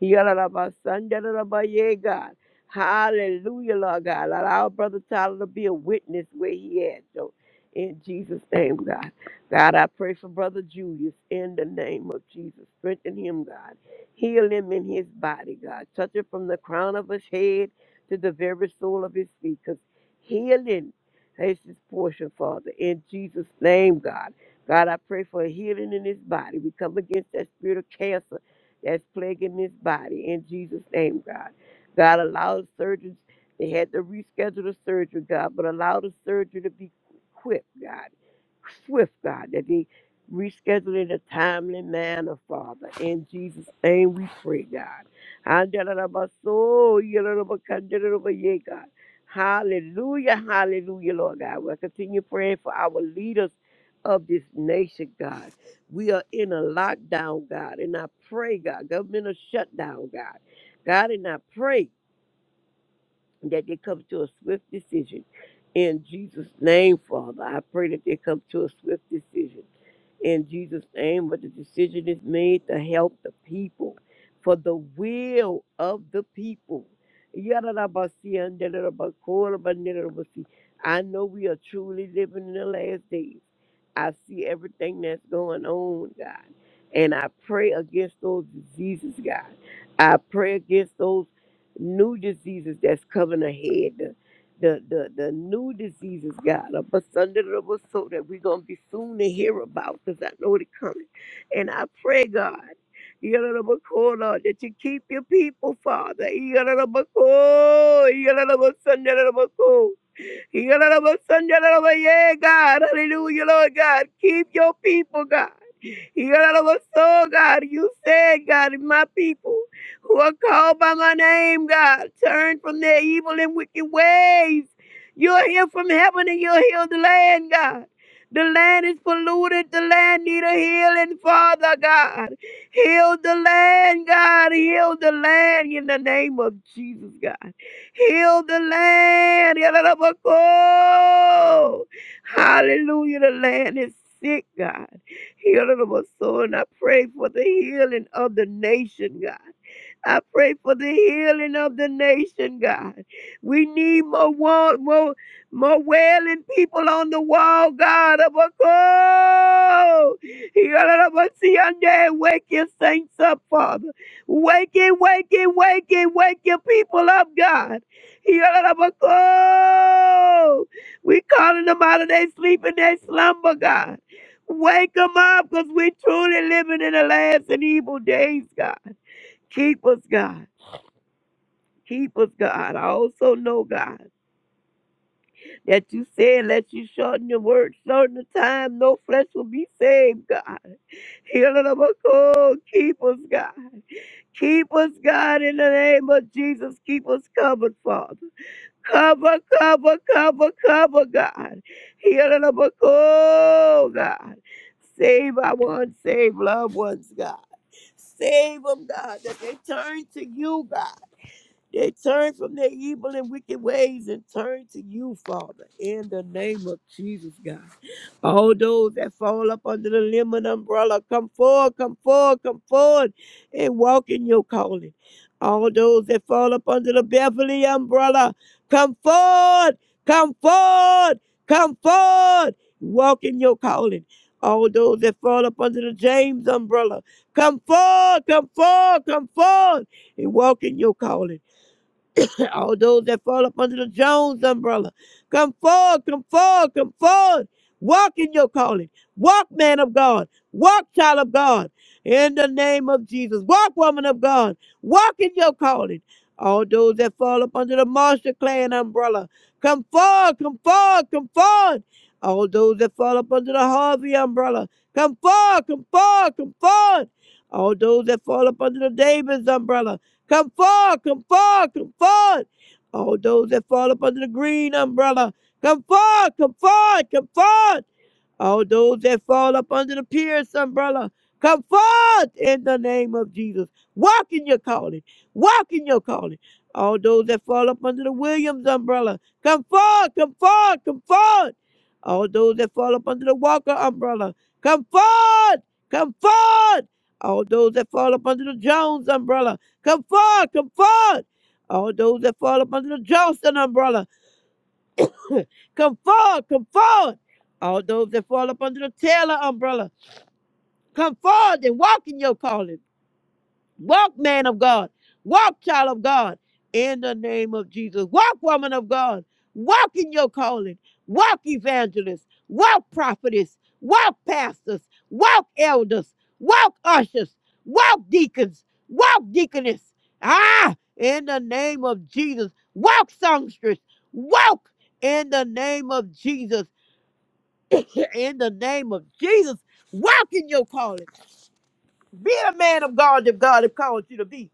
D: He got about my son, that about my yeah, God. Hallelujah, Lord God. Allow Brother Tyler to be a witness where he is, so in Jesus' name, God. God, I pray for Brother Julius in the name of Jesus. Strengthen him, God. Heal him in his body, God. Touch him from the crown of his head to the very sole of his feet, because healing is his portion, Father. In Jesus' name, God. God, I pray for healing in his body. We come against that spirit of cancer that's plaguing his body. In Jesus' name, God. God, allow the surgeons, they had to reschedule the surgery, God, but allow the surgery to be quick, God swift, God, that they reschedule in a timely manner, Father. In Jesus' name we pray, God. Andalalabaso, yalalabakandalalabaye, God. Hallelujah, hallelujah, Lord God. We'll continue praying for our leaders of this nation, God. We are in a lockdown, God, and I pray, God, governmental shutdown, God. God, and I pray that they come to a swift decision. In Jesus' name, Father, I pray that they come to a swift decision. In Jesus' name, but the decision is made to help the people for the will of the people. Yadadabasi, andadadabakolabanidadabasi. I know we are truly living in the last days. I see everything that's going on, God. And I pray against those diseases, God. I pray against those new diseases that's coming ahead. The the the, the new diseases, God, of us under the rubber so that we're gonna be soon to hear about because I know they're coming. And I pray, God. Yalalabakola, That you keep your people, Father. Yalalalabako, yalalabasandalabako. Yalalabasanjalabaye, God, hallelujah, Lord God. Keep your people, God so God, you said, God, if my people who are called by my name, God, turn from their evil and wicked ways. You'll hear from heaven and you'll heal the land, God. The land is polluted. The land need a healing, Father God. Heal the land, God. Heal the land in the name of Jesus, God. Heal the land. Hallelujah. The land is sick, God. Healing of my soul. And I pray for the healing of the nation, God. I pray for the healing of the nation, God. We need more wa- more, more wailing people on the wall, God. Abako! Yarabasiande, Wake your saints up, Father. Wake it, wake it, wake it, wake your people up, God. Yarabako! We calling them out of their sleep and their slumber, God. Wake them up because we're truly living in the last and evil days, God. Keep us, God. Keep us, God. I also know, God, that you said, let you shorten your word, shorten the time, no flesh will be saved, God. Heal it up, oh, God. keep us, God. Keep us, God, in the name of Jesus. Keep us covered, Father. Cover, cover, cover, cover, God. Heal it up, oh, God. Save our unsaved loved ones, God. Save them, God, that they turn to you, God. They turn from their evil and wicked ways and turn to you, Father, in the name of Jesus, God. All those that fall up under the limb umbrella, come forward, come forward, come forward and walk in your calling. All those that fall up under the Beverly umbrella, come forward, come forward, come forward, walk in your calling. All those that fall up under the James umbrella, come forward, come forward, come forward and walk in your calling (laughs) (coughs) all those that fall up under the Jones umbrella, come forward, come forward, come forward. Walk in your calling. Walk, man of God. Walk, child of God. In the name of Jesus. Walk, woman of God. Walk in your calling. All those that fall up under the Marshall Clan umbrella, come forward, come forward, come forward. All those that fall up under the Harvey umbrella, come forward, come forward, come forward. All those that fall up under the Davis umbrella, Come forward, come forward, come forward. All those that fall up under the green umbrella, come forward, come forward, come forward. All those that fall up under the Pierce umbrella, come forth in the name of Jesus. Walk in your calling. Walk in your calling. All those that fall up under the Williams umbrella, come forth, come forth, come forth. All those that fall up under the Walker umbrella, come forth, come forth. All those that fall up under the Jones umbrella, come forth, come forth. All those that fall up under the Johnston umbrella, Come forward, come forward. All those that fall up under the Taylor umbrella, come forward and walk in your calling. Walk, man of God. Walk, child of God. In the name of Jesus. Walk, woman of God. Walk in your calling. Walk, evangelists. Walk, prophetess. Walk, pastors. Walk, elders. Walk, ushers. Walk, deacons. Walk, deaconess. Ah, in the name of Jesus. Walk, songstress. Walk in the name of Jesus in the name of Jesus. Walk in your calling. Be the man of God that God has called you to be.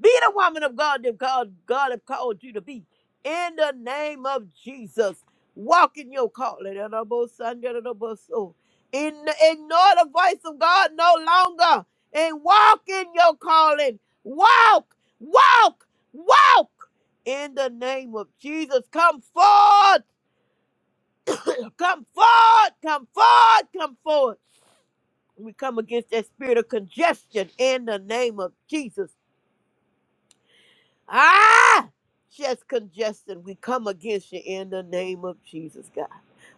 D: Be the woman of God that God, God have called you to be. In the name of Jesus. Walk in your calling. And I'm both son, and I'm both soul. In, ignore the voice of God no longer. And walk in your calling. Walk, walk, walk. In the name of Jesus. Come forth. Come forth. Come forth. Come forth We come against that spirit of congestion in the name of Jesus. Ah, chest congestion, we come against you in the name of Jesus, God.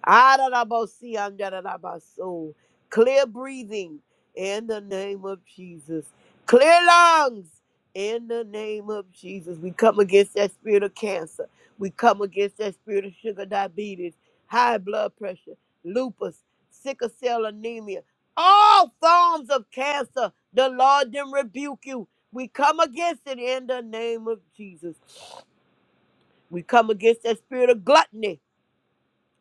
D: Adarabosi, andarabaso. Clear breathing in the name of Jesus. Clear lungs in the name of Jesus. We come against that spirit of cancer. We come against that spirit of sugar diabetes, high blood pressure, lupus, sickle cell anemia, all forms of cancer. The Lord then rebuke you we come against it in the name of Jesus. We come against that spirit of gluttony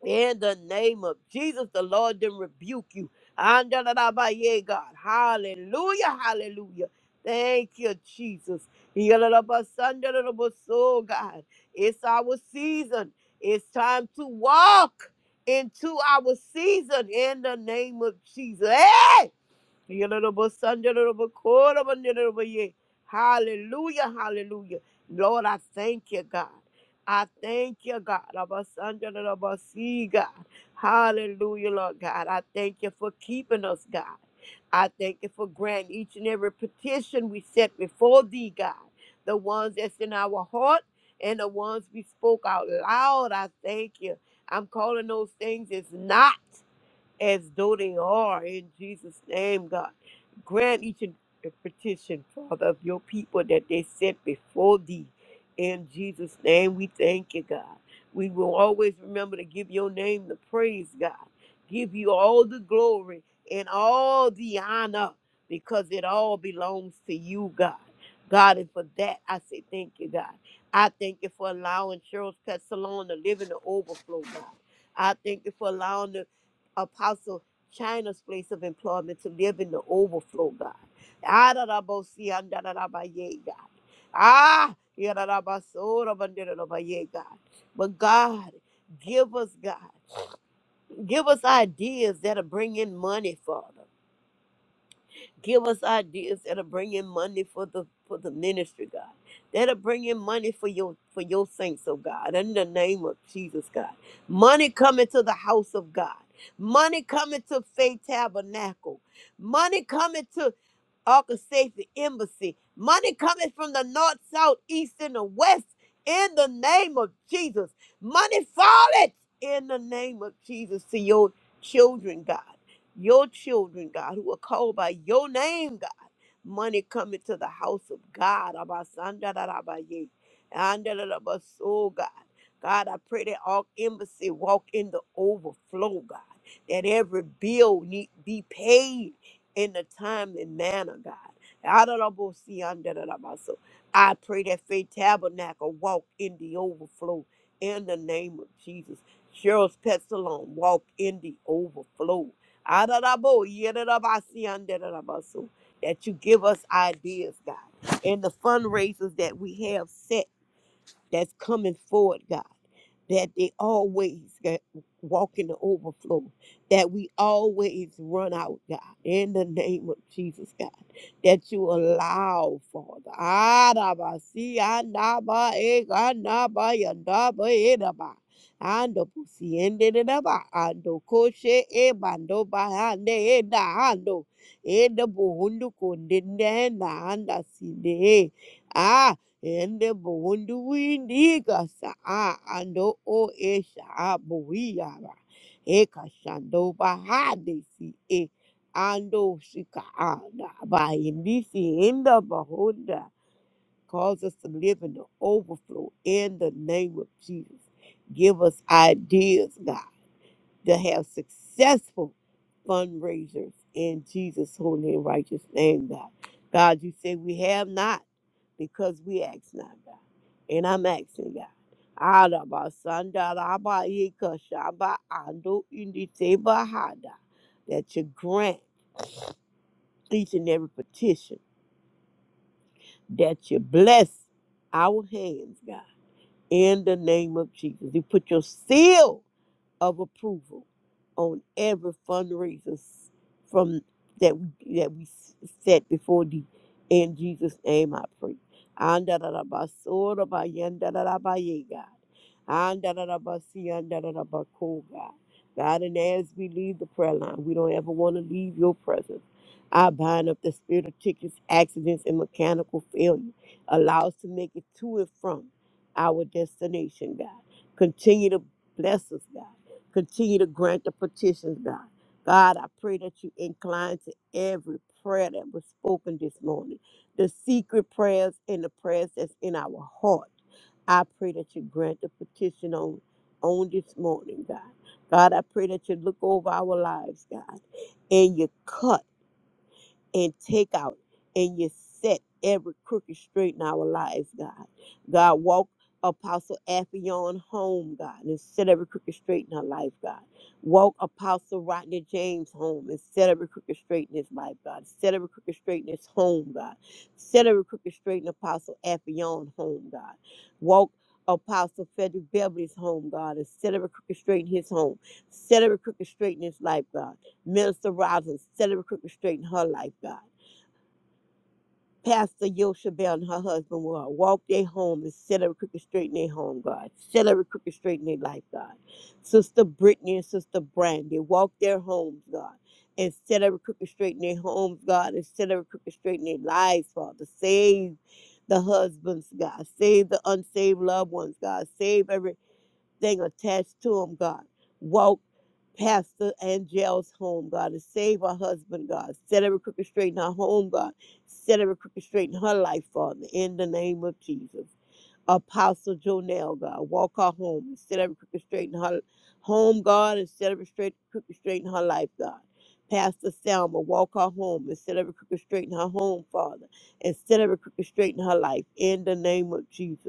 D: in the name of Jesus. The Lord then rebuke you. Andalalabaye, God. Hallelujah. Hallelujah. Thank you, Jesus. Yalalabasandalabaso, God. It's our season. It's time to walk into our season in the name of Jesus. Hey! Yororobosandorobokorobanoroboye. Hallelujah, hallelujah. Lord, I thank you, God. I thank you, God. Rabasandorobasi, God. Hallelujah, Lord God. I thank you for keeping us, God. I thank you for granting each and every petition we set before thee, God. The ones that's in our heart and the ones we spoke out loud, I thank you. I'm calling those things as not as though they are in Jesus' name, God. Grant each and every petition, Father, of your people that they set before thee. In Jesus' name, we thank you, God. We will always remember to give your name the praise, God. Give you all the glory and all the honor because it all belongs to you, God. God, and for that, I say thank you, God. I thank you for allowing Cheryl's Pet Salon to live in the overflow, God. I thank you for allowing the Apostle China's place of employment to live in the overflow, God. Adarabosi andarabaye, God. Ah, yararabasorabanderabaye, God. But God, give us, God, give us ideas that'll bring in money, Father give us ideas that'll bring in money for the for the ministry, God. That'll bring in money for your for your saints, oh God, in the name of Jesus, God. Money coming to the house of God. Money coming to Faith Tabernacle. Money coming to orchestrate the embassy. Money coming from the north, south, east, and the west in the name of Jesus. Money falling in the name of Jesus to your children, God. Your children, God, who are called by your name, God. Money coming to the house of God. Abasandarabaye, andalabaso, God. God, I pray that all embassy walk in the overflow, God. That every bill need be paid in the timely manner, God. Adorable-si-andarabaso. I pray that Faith Tabernacle walk in the overflow in the name of Jesus. Cheryl's Pet Salon walk in the overflow. Adorable-yedarabaso-andarabaso. That you give us ideas, God, and the fundraisers that we have set that's coming forward, God, that they always get- walk in the overflow, that we always run out, God, in the name of Jesus, God, that you allow, Father. Arabasi, andaba, eh, andaba, yandaba, edaba, ando pusi, ende, dedaba, ando koshe, eh, bando, bahande, eh, da, ando, eh, dabo, hundu, kondende, na, anda, sinde, eh. Ende buhundu windiga saa ando o e saa buiara. Eka shando bahade si e ando shika anda. By indisi enda bahunda. Cause us to live in the overflow in the name of Jesus. Give us ideas, God to have successful fundraisers in Jesus' holy and righteous name, God. God, you say we have not because we ask not, God. And I'm asking, God. Araba sanda raba yeka shaba ando indi seba hada. That you grant each and every petition, that you bless our hands, God, in the name of Jesus. You put your seal of approval on every fundraiser s- from that we that we s- set before thee. In Jesus' name, I pray. Andadadabasodabayandadadabaye, God. Andadadabasiyandadadabako, God, God, and as we leave the prayer line, we don't ever want to leave your presence. I bind up the spirit of tickets, accidents, and mechanical failure. Allow us to make it to and from our destination, God. Continue to bless us, God. Continue to grant the petitions, God. God, I pray that you incline to every prayer that was spoken this morning, the secret prayers and the prayers that's in our heart. I pray that you grant the petition on, on this morning, God. God, I pray that you look over our lives, God, and you cut and take out and you set every crooked straight in our lives, God. God, walk Apostle Affion home, God, and set every crooked straight in her life, God. Walk Apostle Rodney James home and set every crooked straight in his life, God. Set every crooked straight in his home, God. Set every crooked straight in Apostle Affion home, God. Walk Apostle Frederick Beverly's home, God, and set every crooked straight in his home. Set every crooked straight in his life, God. Minister Rosin, set every crooked straight in her life, God. Pastor Yosha Bell and her husband will walk their home and set every crooked straight in their home, God. Set every crooked straight in their life, God. Sister Brittany and Sister Brandy walk their homes, God. And set every crooked straight in their homes, God. And set every crooked straight in their lives, Father. Save the husbands, God. Save the unsaved loved ones, God. Save every thing attached to him, God. Walk Pastor Angel's home, God, and save her husband, God. Set every crooked straight in her home, God. Set every crooked straight in her life, Father, in the name of Jesus. Apostle Jonell, God, walk her home and set every crooked straight in her home, God, and set every straight, crooked straight in her life, God. Pastor Selma, walk her home and set every crooked straight in her home, Father, and set every crooked straight in her life, in the name of Jesus.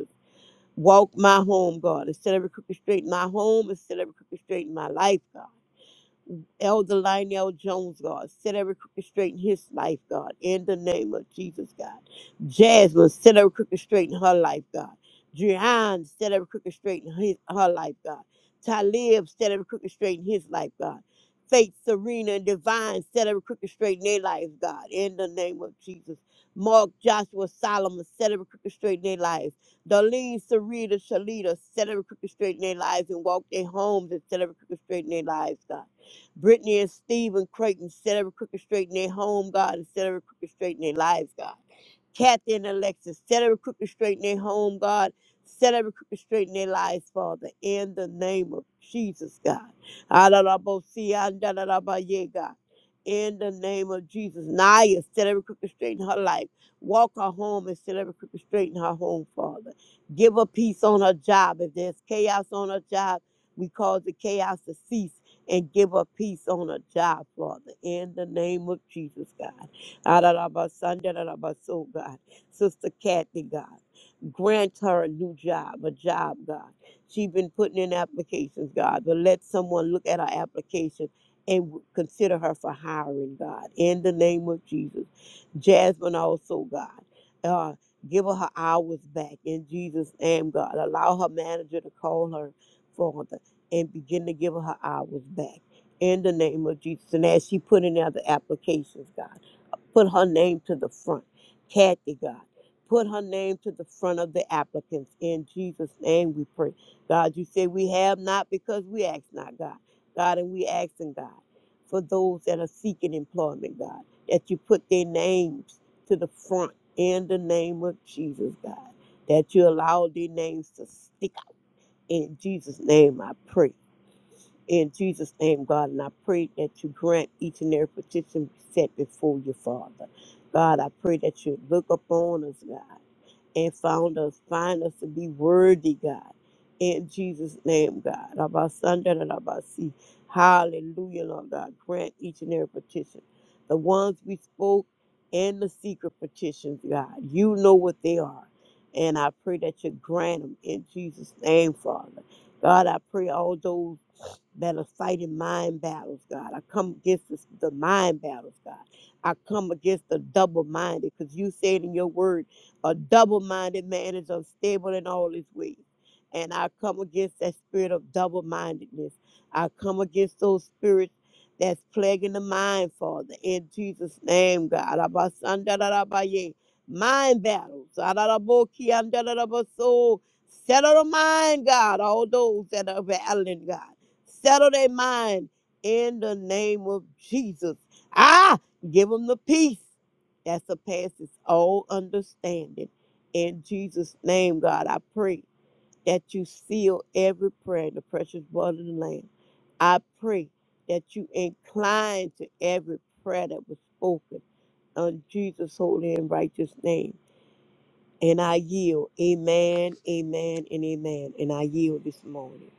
D: Walk my home, God. Instead of every crooked straight in my home, instead of every crooked straight in my life, God. Elder Lionel Jones, God. Set every crooked straight in his life, God. In the name of Jesus, God. Jasmine, set every crooked straight in her life, God. Jehan, set every crooked straight in his, her life, God. Talib, set every crooked straight in his life, God. Faith, Serena, and Divine, set every crooked straight in their lives, God. In the name of Jesus. Mark, Joshua, Solomon, set every crooked straight in their lives. Darlene, Sarita, Shalita, set every crooked straight in their lives and walk their homes and set every crooked straight in their lives, God. Brittany and Stephen Creighton, set every crooked straight in their home, God, and set every crooked straight in their lives, God. Kathy and Alexis, set every crooked straight in their home, God. Set every crooked straight in their lives, Father, in the name of Jesus, God. Adalabosi, andalabaye, God. In the name of Jesus. Naya, set every crooked straight in her life. Walk her home and set every crooked straight in her home, Father. Give her peace on her job. If there's chaos on her job, we cause the chaos to cease and give her peace on her job, Father. In the name of Jesus, God. Adarabasandarabas, oh God. Sister Kathy, God. Grant her a new job, a job, God. She's been putting in applications, God, but let someone look at her application and w- consider her for hiring, God. In the name of Jesus. Jasmine also, God. Uh, give her her hours back in Jesus' name, God. Allow her manager to call her, Father, and begin to give her her hours back in the name of Jesus. And as she put in other applications, God. Put her name to the front. Kathy, God. Put her name to the front of the applicants. In Jesus' name we pray. God, you say we have not because we ask not, God. God, and we asking, God, for those that are seeking employment, God, that you put their names to the front in the name of Jesus, God, that you allow their names to stick out. In Jesus' name I pray. In Jesus' name, God, and I pray that you grant each and every petition set before you, Father. God, I pray that you look upon us, God, and found us, find us to be worthy, God. In Jesus' name, God. Abasanda and Abasi. Hallelujah, Lord God. Grant each and every petition. The ones we spoke and the secret petitions, God. You know what they are. And I pray that you grant them in Jesus' name, Father. God, I pray all those that are fighting mind battles, God. I come against this, the mind battles, God. I come against the double minded, because you said in your word, a double minded man is unstable in all his ways. And I come against that spirit of double mindedness. I come against those spirits that's plaguing the mind, Father, in Jesus' name, God. Abasandarabaye. Mind battles. Ararabokiandarabaso. Settle the mind, God, all those that are battling, God. Settle their mind in the name of Jesus. Ah, give them the peace that surpasses all understanding. In Jesus' name, God, I pray that you seal every prayer in the precious blood of the Lamb. I pray that you incline to every prayer that was spoken in Jesus' holy and righteous name. And I yield. Amen, amen, and amen. And I yield this morning.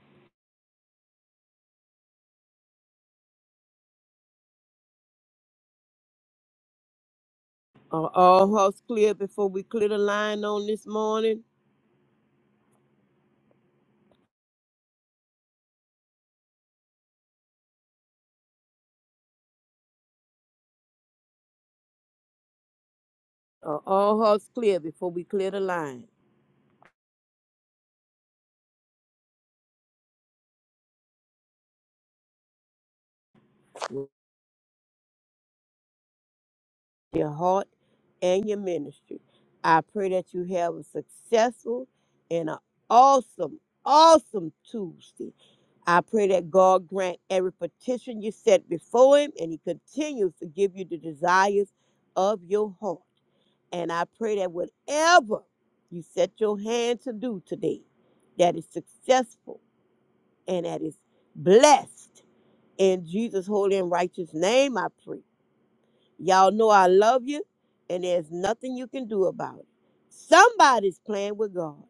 D: Are all hearts clear before we clear the line on this morning? Are all hearts clear before we clear the line? Your heart and your ministry. I pray that you have a successful and an awesome, awesome Tuesday. I pray that God grant every petition you set before Him and He continues to give you the desires of your heart. And I pray that whatever you set your hand to do today, that is successful and that is blessed. In Jesus' holy and righteous name, I pray. Y'all know I love you, and there's nothing you can do about it. Somebody's playing with God,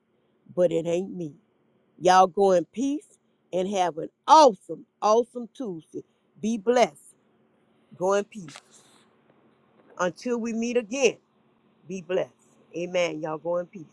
D: but it ain't me. Y'all go in peace and have an awesome, awesome Tuesday. Be blessed. Go in peace. Until we meet again, be blessed. Amen. Y'all go in peace.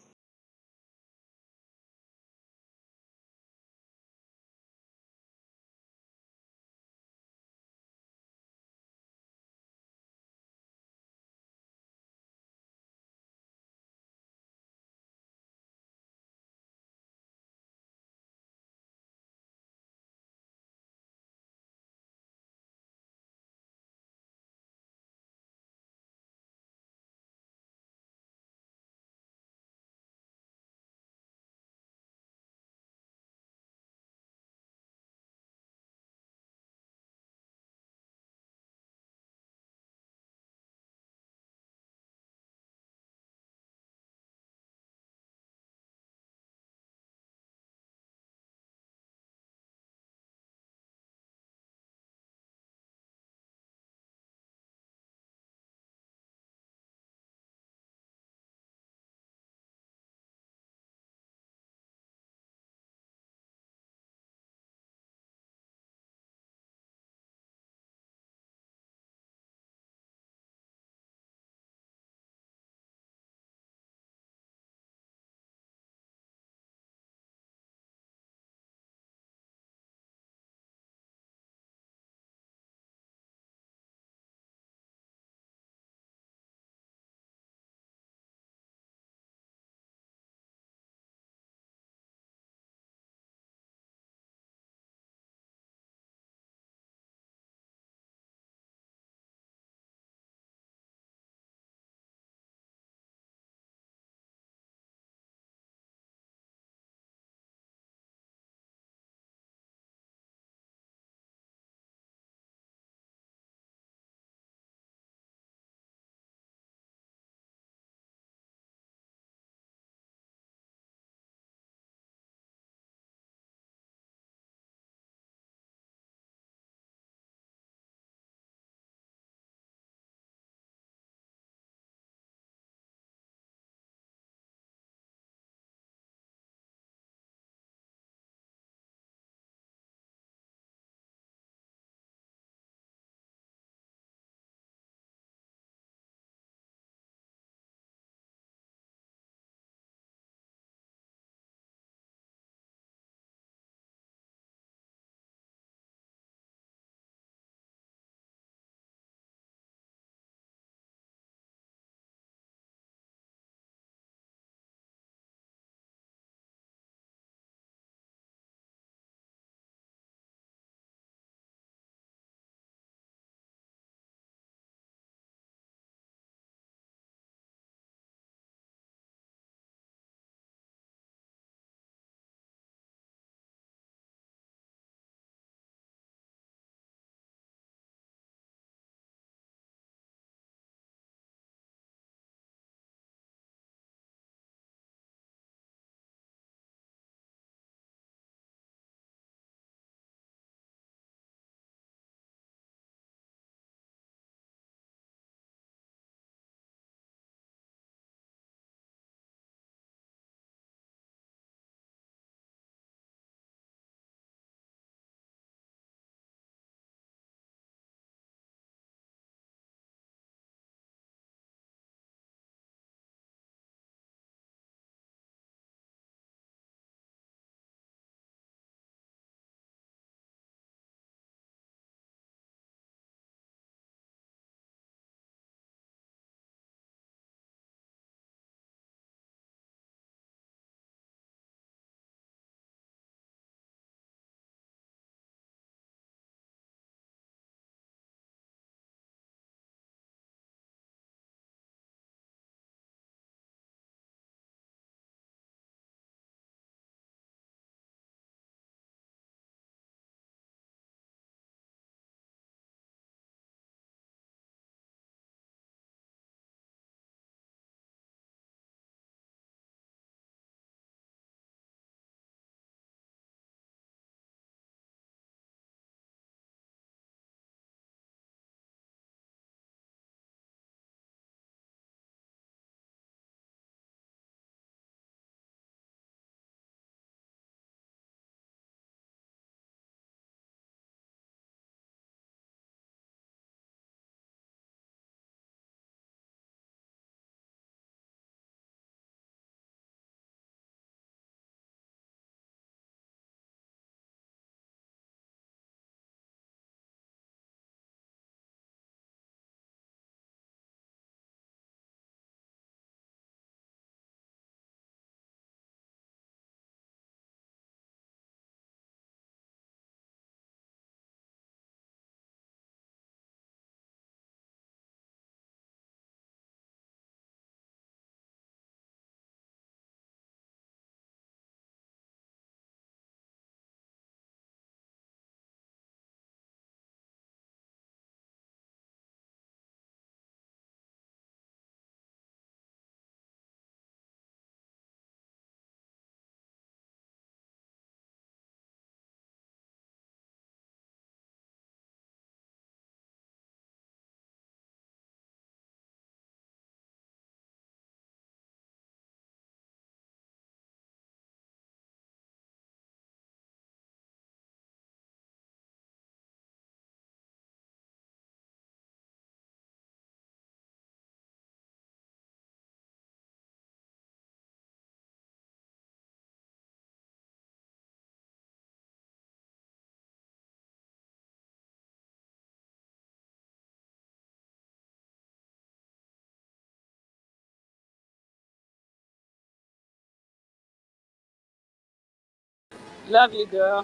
A: Love you, girl.